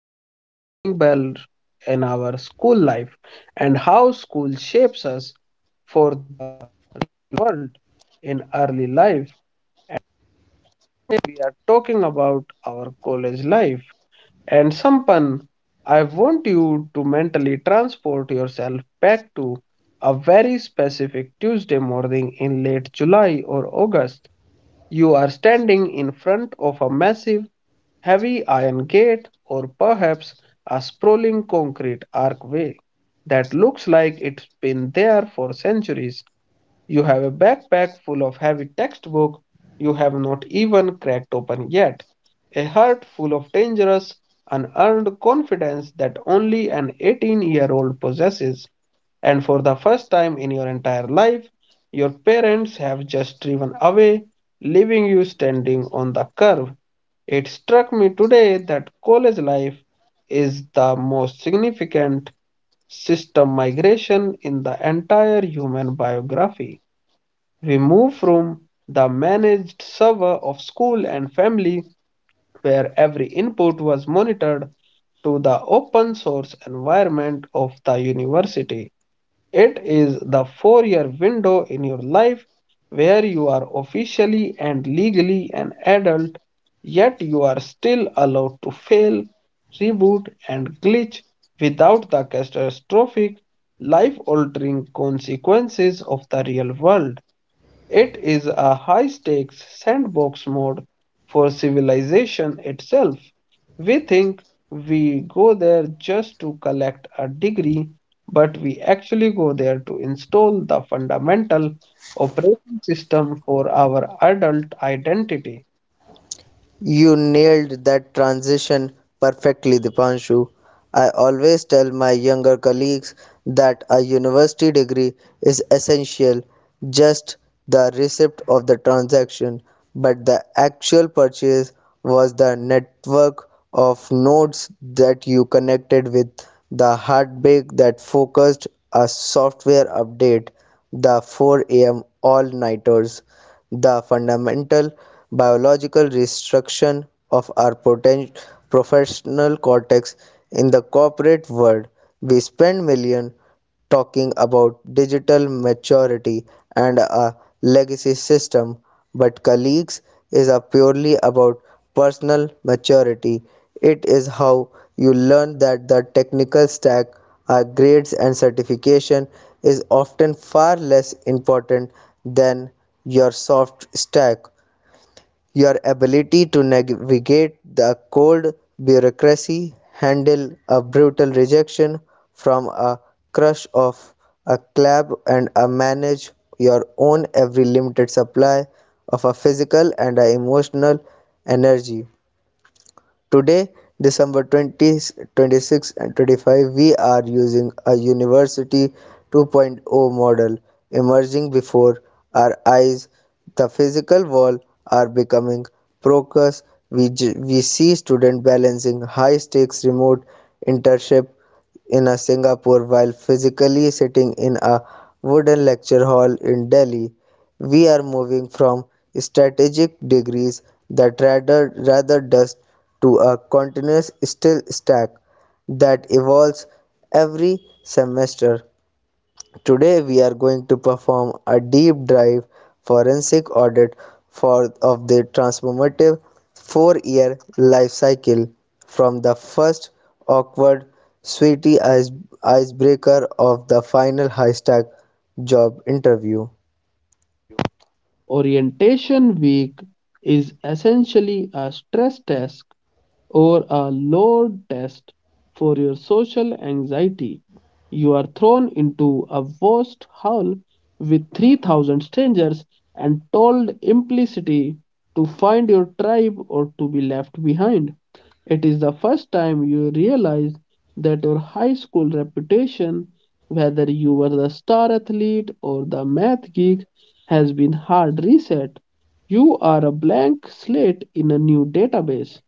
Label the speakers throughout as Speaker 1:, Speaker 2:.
Speaker 1: our morning bell in our school life and how school shapes us for the world in early life. We are talking about our college life. And Sampan, I want you to mentally transport yourself back to a very specific Tuesday morning in late July or August. You are standing in front of a massive, heavy iron gate, or perhaps a sprawling concrete archway that looks like it's been there for centuries. You have a backpack full of heavy textbooks you have not even cracked open yet, a heart full of dangerous, unearned confidence that only an 18-year-old possesses. And for the first time in your entire life, your parents have just driven away, leaving you standing on the curb. It struck me today that college life is the most significant system migration in the entire human biography. We move from the managed server of school and family, where every input was monitored, to the open source environment of the university. It is the 4 year window in your life where you are officially and legally an adult, yet you are still allowed to fail, reboot, and glitch without the catastrophic, life altering consequences of the real world. It is a high stakes sandbox mode for civilization itself. We think we go there just to collect a degree, but we actually go there to install the fundamental operating system for our adult identity.
Speaker 2: You nailed that transition perfectly, Dipanshu. I always tell my younger colleagues that a university degree is essential, just the receipt of the transaction, but the actual purchase was the network of nodes that you connected with, the heartbreak that focused a software update, the 4 a.m. all nighters, the fundamental biological restriction of our professional cortex in the corporate world. We spend millions talking about digital maturity and a legacy system, but colleagues is a purely about personal maturity. It is how you learn that the technical stack, our grades and certification is often far less important than your soft stack, your ability to navigate the cold bureaucracy, handle a brutal rejection from a crush of a club, and manage your own every limited supply of a physical and a emotional energy. Today, December 20th, 26 and 25, we are using a University 2.0 model emerging before our eyes. The physical walls are becoming precarious. We, we see students balancing high stakes remote internship in a Singapore while physically sitting in a wooden lecture hall in Delhi. We are moving from strategic degrees that rather dust to a continuous still stack that evolves every semester. Today we are going to perform a deep dive forensic audit for of the transformative 4-year life cycle from the first awkward sweetie icebreaker of the final high stack job interview.
Speaker 1: Orientation week is essentially a stress test or a load test for your social anxiety. You are thrown into a vast hall with 3,000 strangers and told implicitly to find your tribe or to be left behind. It is the first time you realize that your high school reputation, whether you were the star athlete or the math geek, has been hard reset. You are a blank slate in a new database.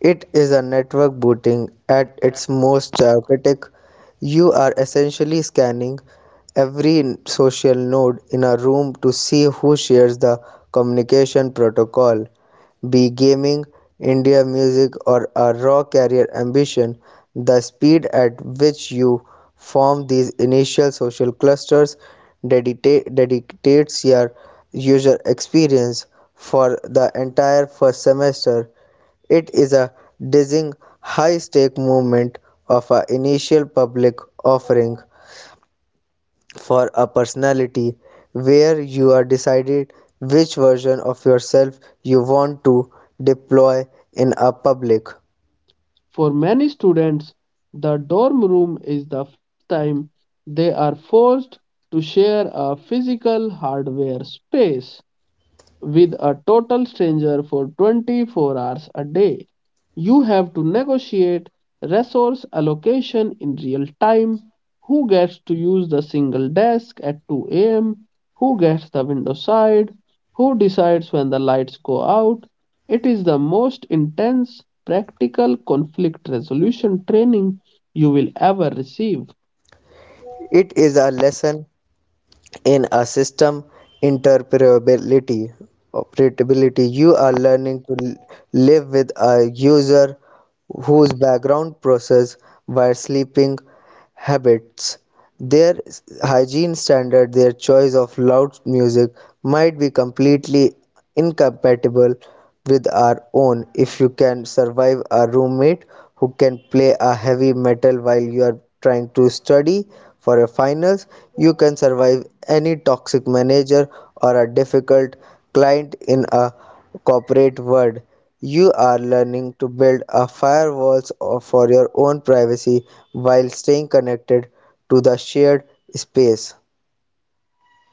Speaker 2: It is a network booting at its most chaotic. You are essentially scanning every social node in a room to see who shares the communication protocol, be gaming, India music, or a raw career ambition. The speed at which you form these initial social clusters dedicates your user experience for the entire first semester. It is a dizzying high stake movement of our initial public offering for a personality where you are decided which version of yourself you want to deploy in a public.
Speaker 1: For many students, the dorm room is the first time they are forced to share a physical hardware space with a total stranger for 24 hours a day. You have to negotiate resource allocation in real time. Who gets to use the single desk at 2 a.m.? Who gets the window side? Who decides when the lights go out? It is the most intense practical conflict resolution training you will ever receive.
Speaker 2: It is a lesson in a system interoperability. Operability. You are learning to live with a user whose background process, while sleeping habits, their hygiene standard, their choice of loud music might be completely incompatible with our own. If you can survive a roommate who can play a heavy metal while you are trying to study for your finals, you can survive any toxic manager or a difficult client in a corporate world. You are learning to build a firewalls for your own privacy while staying connected to the shared space.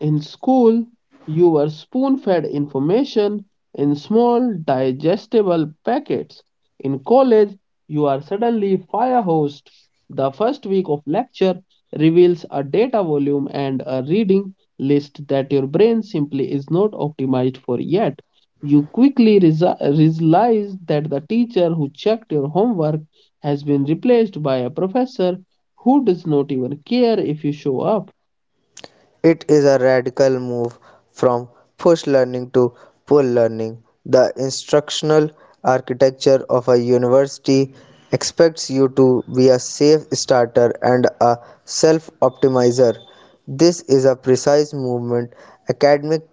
Speaker 1: In school, you were spoon fed information in small, digestible packets. In college, you are suddenly fire hosed. The first week of lecture reveals a data volume and a reading list that your brain simply is not optimized for yet. You quickly realize that the teacher who checked your homework has been replaced by a professor who does not even care if you show up.
Speaker 2: It is a radical move from push learning to pull learning. The instructional architecture of a university expects you to be a safe starter and a self optimizer. This is a precise movement academic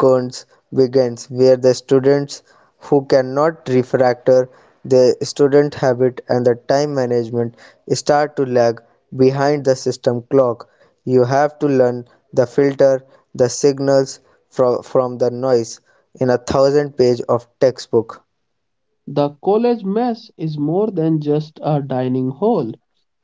Speaker 2: cones begins where the students who cannot refactor the student habit and the time management start to lag behind the system clock. You have to learn the filter the signals from the noise in a 1,000 page of textbook.
Speaker 1: The college mess is more than just a dining hall.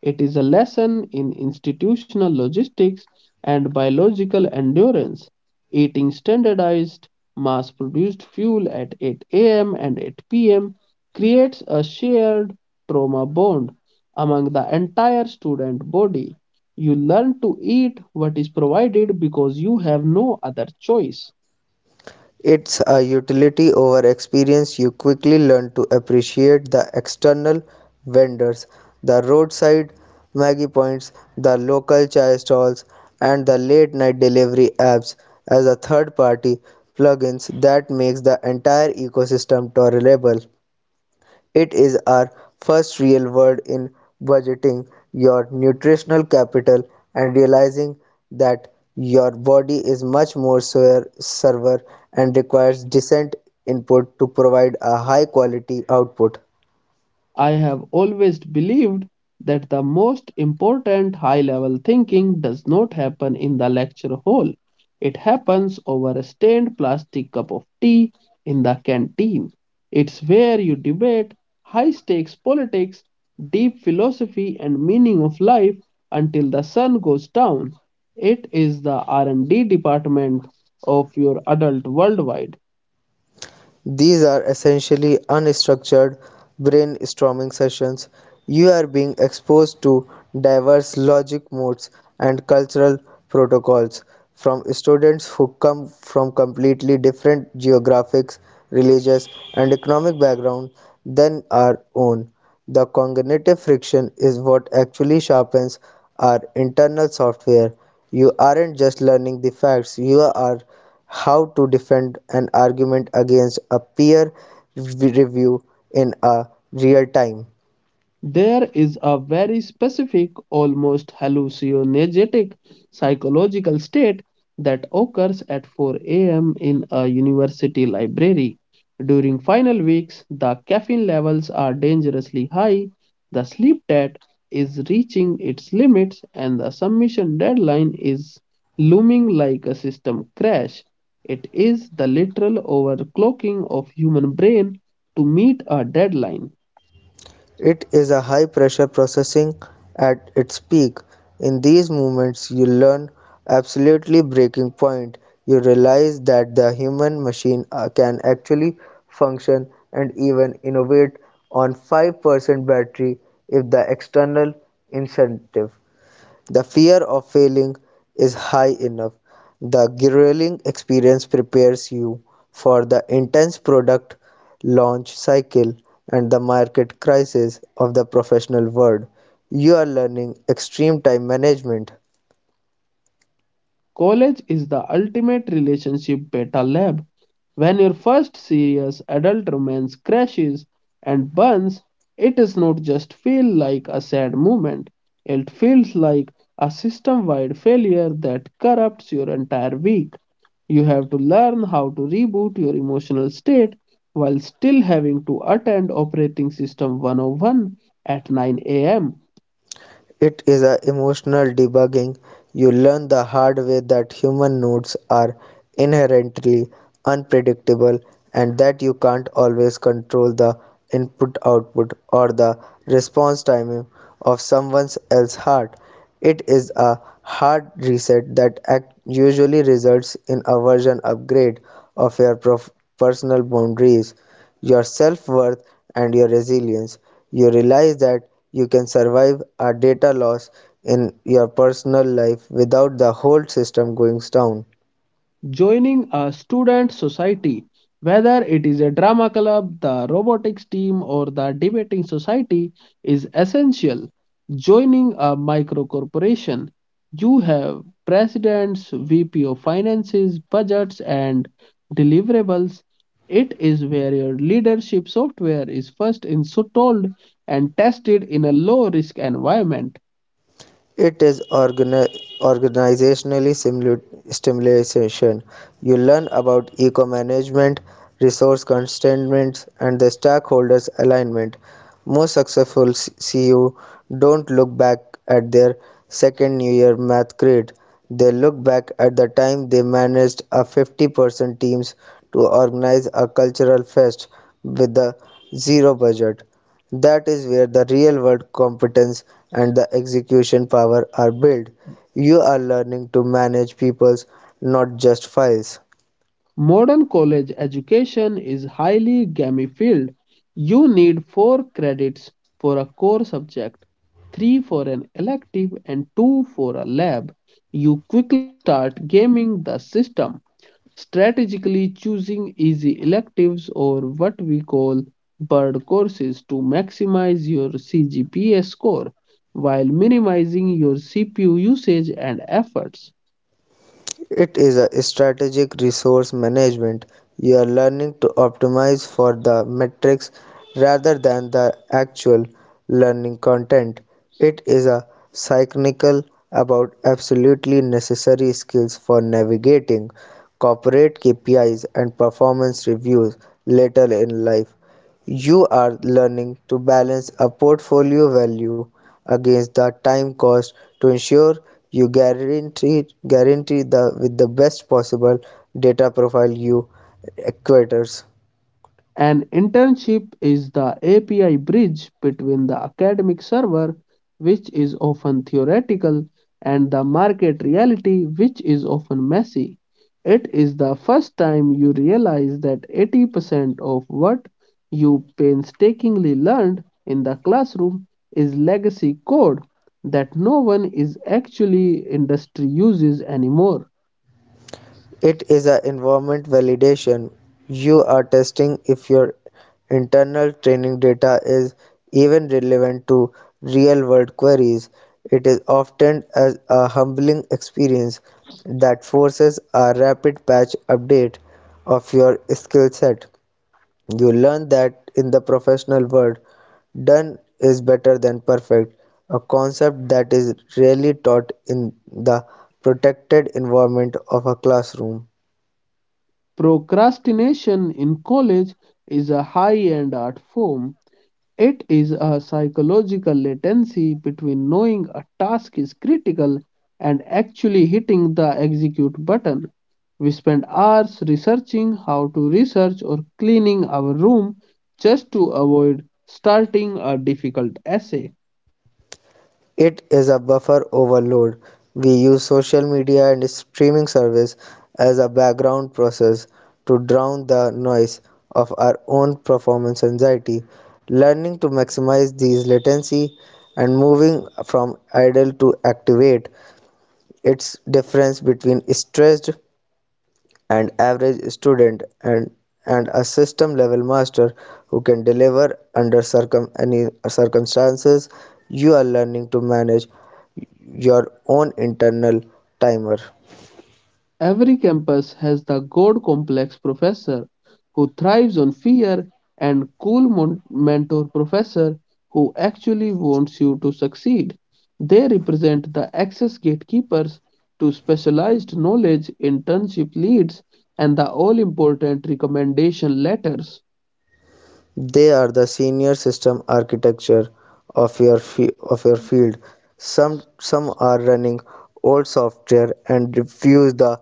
Speaker 1: It is a lesson in institutional logistics and biological endurance. Eating standardized, mass produced fuel at 8 a.m. and 8 p.m. creates a shared trauma bond among the entire student body. You learn to eat what is provided because you have no other choice.
Speaker 2: It's a utility over experience. You quickly learn to appreciate the external vendors, the roadside Maggie points, the local chai stalls, and the late night delivery apps as a third party plugins that makes the entire ecosystem tolerable. It is our first real word in budgeting your nutritional capital and realizing that your body is much more server and requires decent input to provide a high quality output.
Speaker 1: I have always believed that the most important high level thinking does not happen in the lecture hall. It happens over a stained plastic cup of tea in the canteen. It's where you debate high stakes politics, deep philosophy and meaning of life until the sun goes down. It is the R&D department of your adult worldwide.
Speaker 2: These are essentially unstructured brainstorming sessions. You are being exposed to diverse logic modes and cultural protocols from students who come from completely different geographic, religious, and economic backgrounds than our own. The cognitive friction is what actually sharpens our internal software. You aren't just learning the facts, you are how to defend an argument against a peer review in a real time.
Speaker 1: There is a very specific, almost hallucinogenic psychological state that occurs at 4 a.m. in a university library. During final weeks, the caffeine levels are dangerously high, the sleep debt is reaching its limits, and the submission deadline is looming like a system crash. It is the literal overclocking of human brain to meet a deadline.
Speaker 2: It is a high pressure processing at its peak. In these moments, you learn absolutely breaking point. You realize that the human machine can actually function and even innovate on 5% battery if the external incentive, the fear of failing, is high enough. The grilling experience prepares you for the intense product launch cycle and the market crisis of the professional world. You are learning extreme time management.
Speaker 1: College is the ultimate relationship beta lab. When your first serious adult romance crashes and burns, it is not just feel like a sad moment. It feels like a system-wide failure that corrupts your entire week. You have to learn how to reboot your emotional state while still having to attend operating system 101 at 9 a.m.
Speaker 2: It is a emotional debugging. You learn the hard way that human moods are inherently unpredictable and that you can't always control the input output or the response timing of someone else's heart. It is a hard reset that usually results in a version upgrade of your personal boundaries, your self-worth, and your resilience. You realize that you can survive a data loss in your personal life without the whole system going down.
Speaker 1: Joining a student society, whether it is a drama club, the robotics team, or the debating society, is essential. Joining a micro corporation, you have presidents, VP of finances, budgets, and deliverables. It is where your leadership software is first installed and tested in a low risk environment.
Speaker 2: It is organizational stimulation. You learn about eco-management, resource constraints, and the stakeholders alignment. Most successful CU don't look back at their second New Year math grade. They look back at the time they managed a 50% teams to organize a cultural fest with a zero budget. That is where the real world competence and the execution power are built. You are learning to manage people, not just files.
Speaker 1: Modern college education is highly gamified. You need 4 credits for a core subject, 3 for an elective, and 2 for a lab. You quickly start gaming the system, strategically choosing easy electives, or what we call bird courses, to maximize your CGPA score while minimizing your CPU usage and efforts.
Speaker 2: It is a strategic resource management. You are learning to optimize for the metrics rather than the actual learning content. It is a cynical about absolutely necessary skills for navigating corporate KPIs and performance reviews later in life. You are learning to balance a portfolio value against the time cost to ensure you guarantee the with the best possible data profile you acquires.
Speaker 1: An internship is the API bridge between the academic server, which is often theoretical, and the market reality, which is often messy. It is the first time you realize that 80% of what you painstakingly learned in the classroom is legacy code that no one is actually industry uses anymore.
Speaker 2: It is an environment validation; you are testing if your internal training data is even relevant to real-world queries. It is often as a humbling experience that forces a rapid patch update of your skill set. You learn that in the professional world, done is better than perfect, a concept that is rarely taught in the protected environment of a classroom.
Speaker 1: Procrastination in college is a high-end art form. It is a psychological latency between knowing a task is critical and actually hitting the execute button. We spend hours researching how to research or cleaning our room just to avoid starting a difficult essay.
Speaker 2: It is a buffer overload. We use social media and streaming service as a background process to drown the noise of our own performance anxiety. Learning to maximize these latency and moving from idle to activate. Its difference between stressed and average student and a system level master who can deliver under circum any circumstances. You are learning to manage your own internal timer.
Speaker 1: Every campus has the God complex professor who thrives on fear, and cool mentor professor who actually wants you to succeed. They represent the access gatekeepers to specialized knowledge, internship leads, and the all important recommendation letters.
Speaker 2: They are the senior system architecture of your of your field. Some are running old software and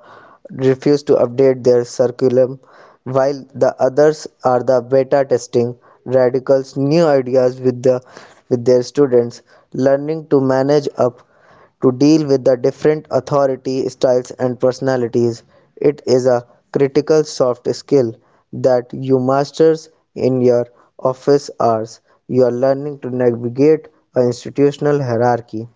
Speaker 2: refuse to update their curriculum, while the others are the beta testing radicals new ideas with their students, learning to manage up to deal with the different authority styles and personalities. It is a critical soft skill that you masters in your office hours. You are learning to navigate an institutional hierarchy.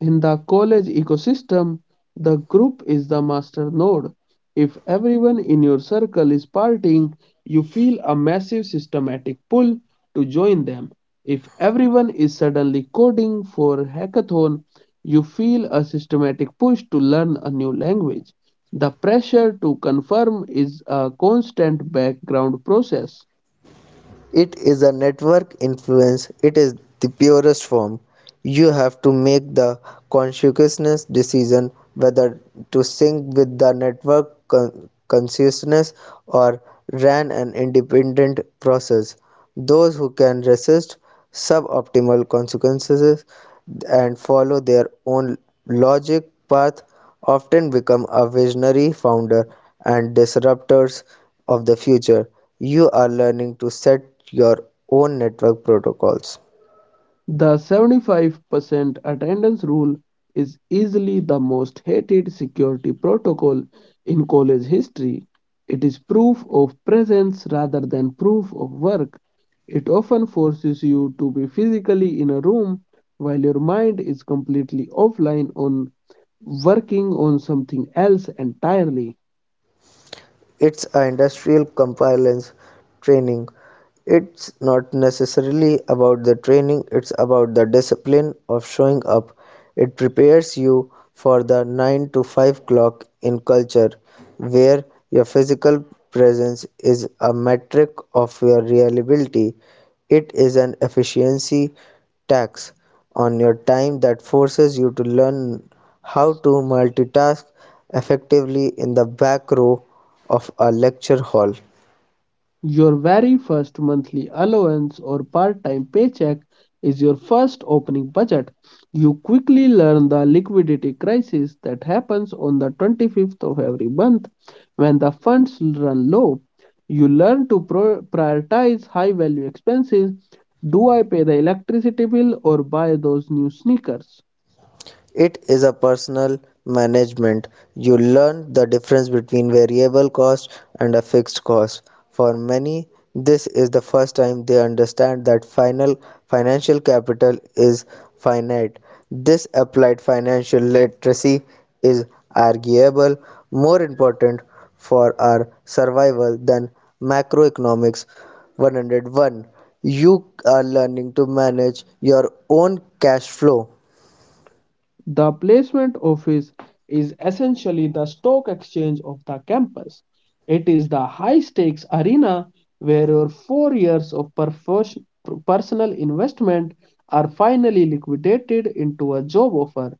Speaker 1: In the college ecosystem, the group is the master node. If everyone in your circle is partying, you feel a massive systematic pull to join them. If everyone is suddenly coding for hackathon, you feel a systematic push to learn a new language. The pressure to confirm is a constant background process.
Speaker 2: It is a network influence. It is the purest form. You have to make the conscientious decision whether to sync with the network consciousness or run an independent process. Those who can resist suboptimal consequences and follow their own logic path often become a visionary founder and disruptors of the future. You are learning to set your own network protocols.
Speaker 1: The 75% attendance rule is easily the most hated security protocol in college history. It is proof of presence rather than proof of work. It often forces you to be physically in a room while your mind is completely offline on working on something else entirely.
Speaker 2: It's a industrial compliance training. It's not necessarily about the training, it's about the discipline of showing up. It prepares you for the 9 to 5 clock in culture where your physical presence is a metric of your reliability. It is an efficiency tax on your time that forces you to learn how to multitask effectively in the back row of a lecture hall.
Speaker 1: Your very first monthly allowance or part time paycheck is your first opening budget. You quickly learn the liquidity crisis that happens on the 25th of every month when the funds run low. You learn to prioritize high value expenses. Do I pay the electricity bill or buy those new sneakers?
Speaker 2: It is a personal management. You learn the difference between variable cost and a fixed cost. For many, this is the first time they understand that final financial capital is finite. This applied financial literacy is arguable more important for our survival than macroeconomics 101. You are learning to manage your own cash flow.
Speaker 1: The placement office is essentially the stock exchange of the campus. It is the high stakes arena where your 4 years of personal investment are finally liquidated into a job offer.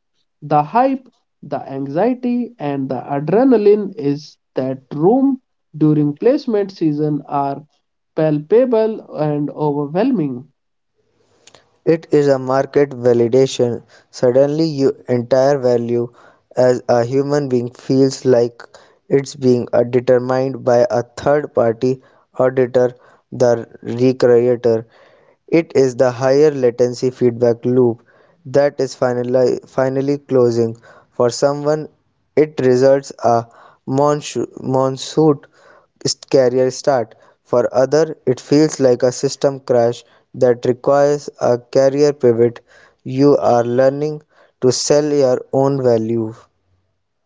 Speaker 1: The hype, the anxiety, and the adrenaline is that room during placement season are palpable and overwhelming.
Speaker 2: It is a market validation. Suddenly your entire value as a human being feels like it's being determined by a third party auditor, the recreator. It is the higher latency feedback loop that is finally, finally closing. For someone, it results a monsoon career start. For other, it feels like a system crash that requires a career pivot. You are learning to sell your own value.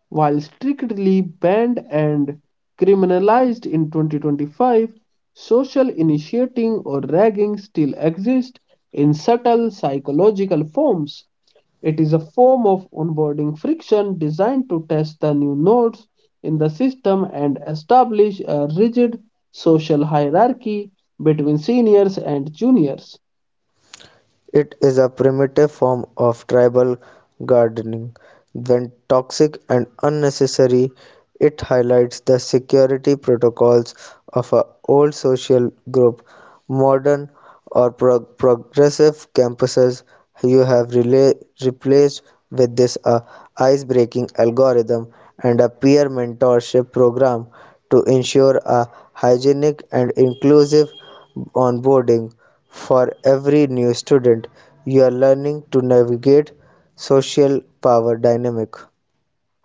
Speaker 1: While strictly banned and criminalized in 2025, social initiating or ragging still exists in subtle psychological forms. It is a form of onboarding friction designed to test the new nodes in the system and establish a rigid social hierarchy between seniors and juniors.
Speaker 2: It is a primitive form of tribal gardening. When toxic and unnecessary, it highlights the security protocols of an old social group. Modern or progressive campuses you have replaced with this a ice-breaking algorithm and a peer mentorship program to ensure a hygienic and inclusive onboarding for every new student. You are learning to navigate social power dynamic.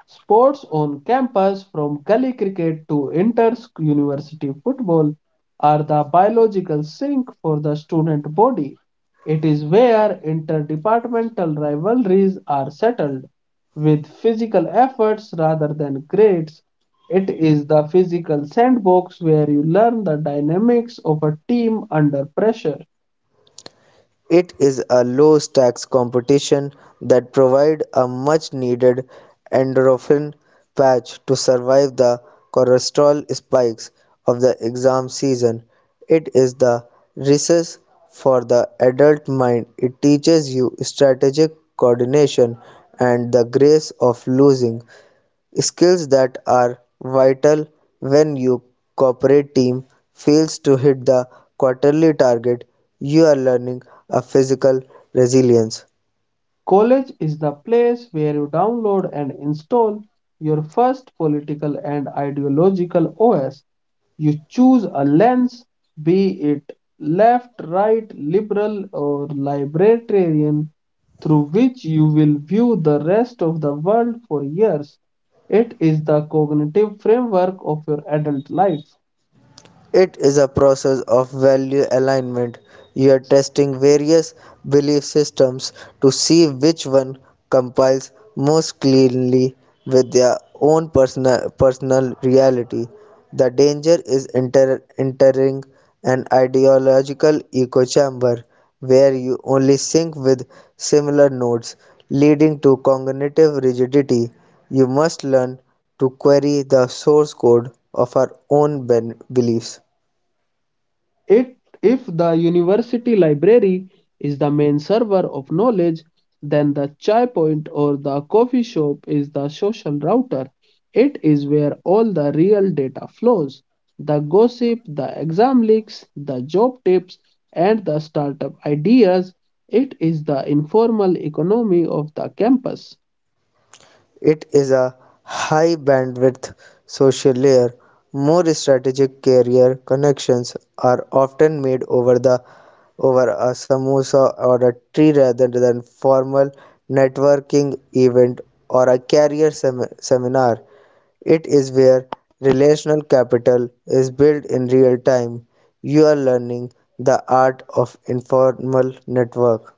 Speaker 1: Sports on campus, from gully cricket to inter-university football, are the biological sink for the student body. It is where interdepartmental rivalries are settled with physical efforts rather than grades. It is the physical sandbox where you learn the dynamics of a team under pressure.
Speaker 2: It is a low stakes competition that provides a much needed endorphin patch to survive the cortisol spikes of the exam season. It is the recess for the adult mind. It teaches you strategic coordination and the grace of losing, skills that are vital when your corporate team fails to hit the quarterly target. You are learning a physical resilience.
Speaker 1: College is the place where you download and install your first political and ideological OS. You choose a lens, be it left, right, liberal, or libertarian, through which you will view the rest of the world for years. It is the cognitive framework of your adult life.
Speaker 2: It is a process of value alignment. You are testing various belief systems to see which one compiles most cleanly with their own personal reality. The danger is entering an ideological echo chamber where you only sync with similar nodes, leading to cognitive rigidity. You must learn to query the source code of our own beliefs.
Speaker 1: If the university library is the main server of knowledge, then the chai point or the coffee shop is the social router. It is where all the real data flows: the gossip, the exam leaks, the job tips, and the startup ideas. It is the informal economy of the campus.
Speaker 2: It is a high bandwidth social layer. More strategic carrier connections are often made over a samosa or a tree rather than formal networking event or a carrier seminar. It is where relational capital is built in real time. You are learning the art of informal network.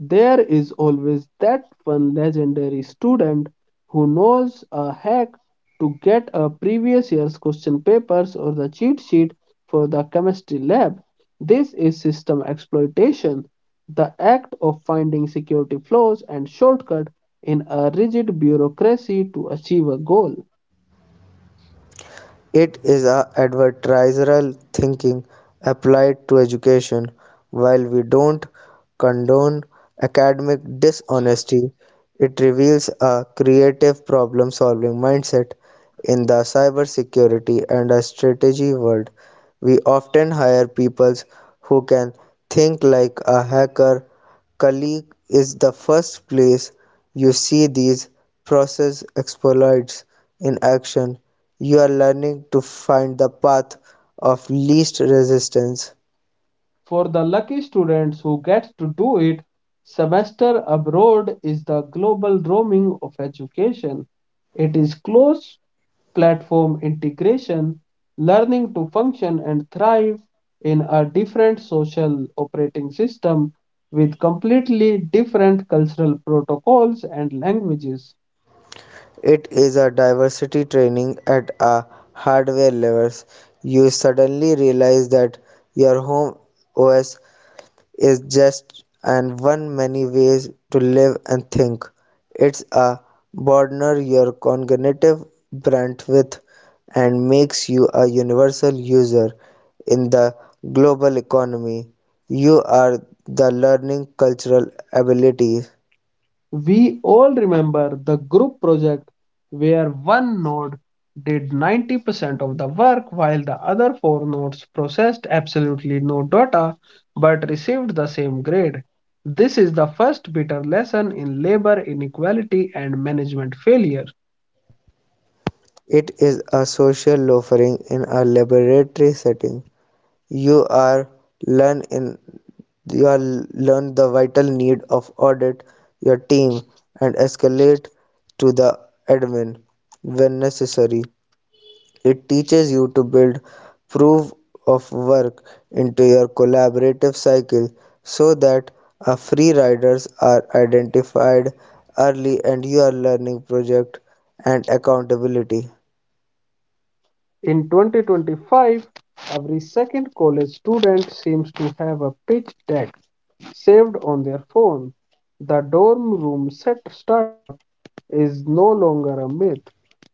Speaker 1: There is always that one legendary student who knows a hack to get a previous year's question papers or the cheat sheet for the chemistry lab. This is system exploitation, the act of finding security flaws and shortcuts in a rigid bureaucracy to achieve a goal.
Speaker 2: It is a adversarial thinking applied to education. While we don't condone academic dishonesty, it reveals a creative problem solving mindset in the cybersecurity and a strategy world. We often hire people who can think like a hacker colleague is the first place you see these process exploits in action. You are learning to find the path of least resistance.
Speaker 1: For the lucky students who get to do it, semester abroad is the global roaming of education. It is close platform integration, learning to function and thrive in a different social operating system with completely different cultural protocols and languages.
Speaker 2: It is a diversity training at a hardware level. You suddenly realize that your home OS is just and one many ways to live and think. It's a broadener your cognitive bandwidth and makes you a universal user in the global economy. You are the learning cultural abilities.
Speaker 1: We all remember the group project where one node did 90% of the work while the other four nodes processed absolutely no data but received the same grade. This is the first bitter lesson in labor inequality and management failure.
Speaker 2: It is a social offering in a laboratory setting. You are learn in You will learn the vital need of audit your team and escalate to the admin when necessary. It teaches you to build proof of work into your collaborative cycle so that a free riders are identified early, and you are learning project and accountability.
Speaker 1: In 2025, every second college student seems to have a pitch deck saved on their phone. The dorm room set startup is no longer a myth.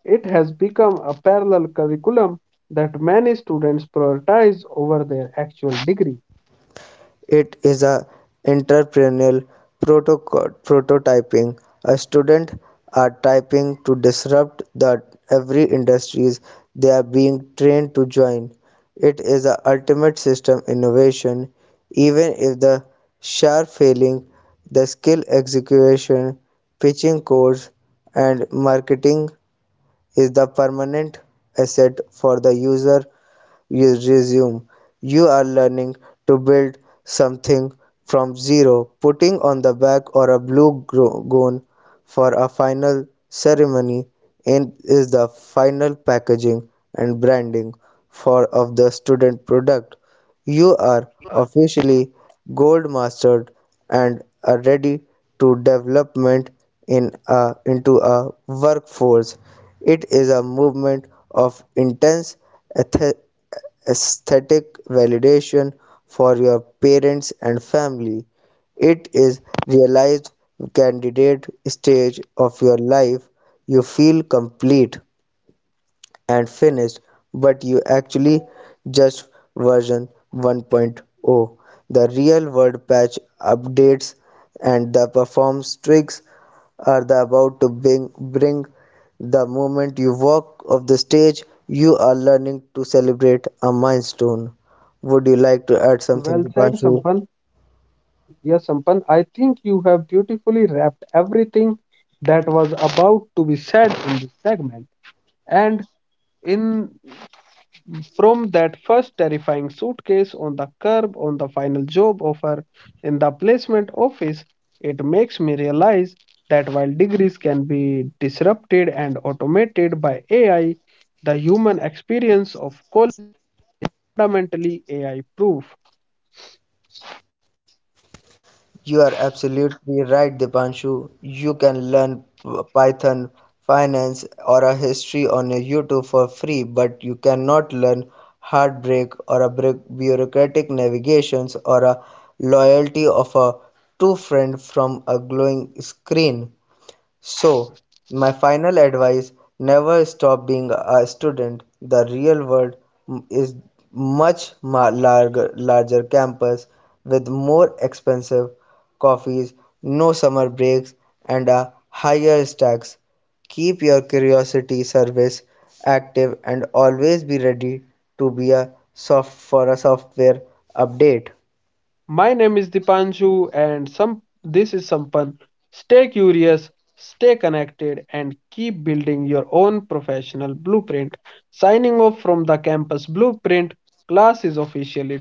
Speaker 1: It has become a parallel curriculum that many students prioritize over their actual degree.
Speaker 2: It is a entrepreneurial prototyping. A student are typing to disrupt the every industries they are being trained to join. It is the ultimate system innovation. Even if the sharp failing, the skill execution, pitching course and marketing is the permanent asset for the user you resume. You are learning to build something from zero, putting on the back or a blue gown for a final ceremony in is the final packaging and branding for of the student product. You are officially gold mastered and are ready to development into a workforce. It is a movement of intense eth- aesthetic validation for your parents and family. It is realized candidate stage of your life. You feel complete and finished, but you actually just version 1.0. The real world patch updates and the performance tricks are the about to bring the moment you walk off the stage. You are learning to celebrate a milestone. Would you like to add
Speaker 1: Well
Speaker 2: something,
Speaker 1: said,
Speaker 2: Dipanshu?
Speaker 1: Sampan. Yes, Sampan, I think you have beautifully wrapped everything that was about to be said in this segment. And in From that first terrifying suitcase on the curb on the final job offer in the placement office, it makes me realize that while degrees can be disrupted and automated by AI, the human experience of fundamentally AI proof.
Speaker 2: You are absolutely right, Dipanshu. You can learn Python, finance, or a history on a YouTube for free, but you cannot learn heartbreak or a bureaucratic navigations or a loyalty of a true friend from a glowing screen. So, my final advice, never stop being a student. The real world is much larger campus with more expensive coffees, no summer breaks, and a higher stacks. Keep your curiosity service active and always be ready to be a software update.
Speaker 1: My name is Dipanshu and some this is Sampan. Stay curious, stay connected and keep building your own professional blueprint. Signing off from the campus blueprint, class is officially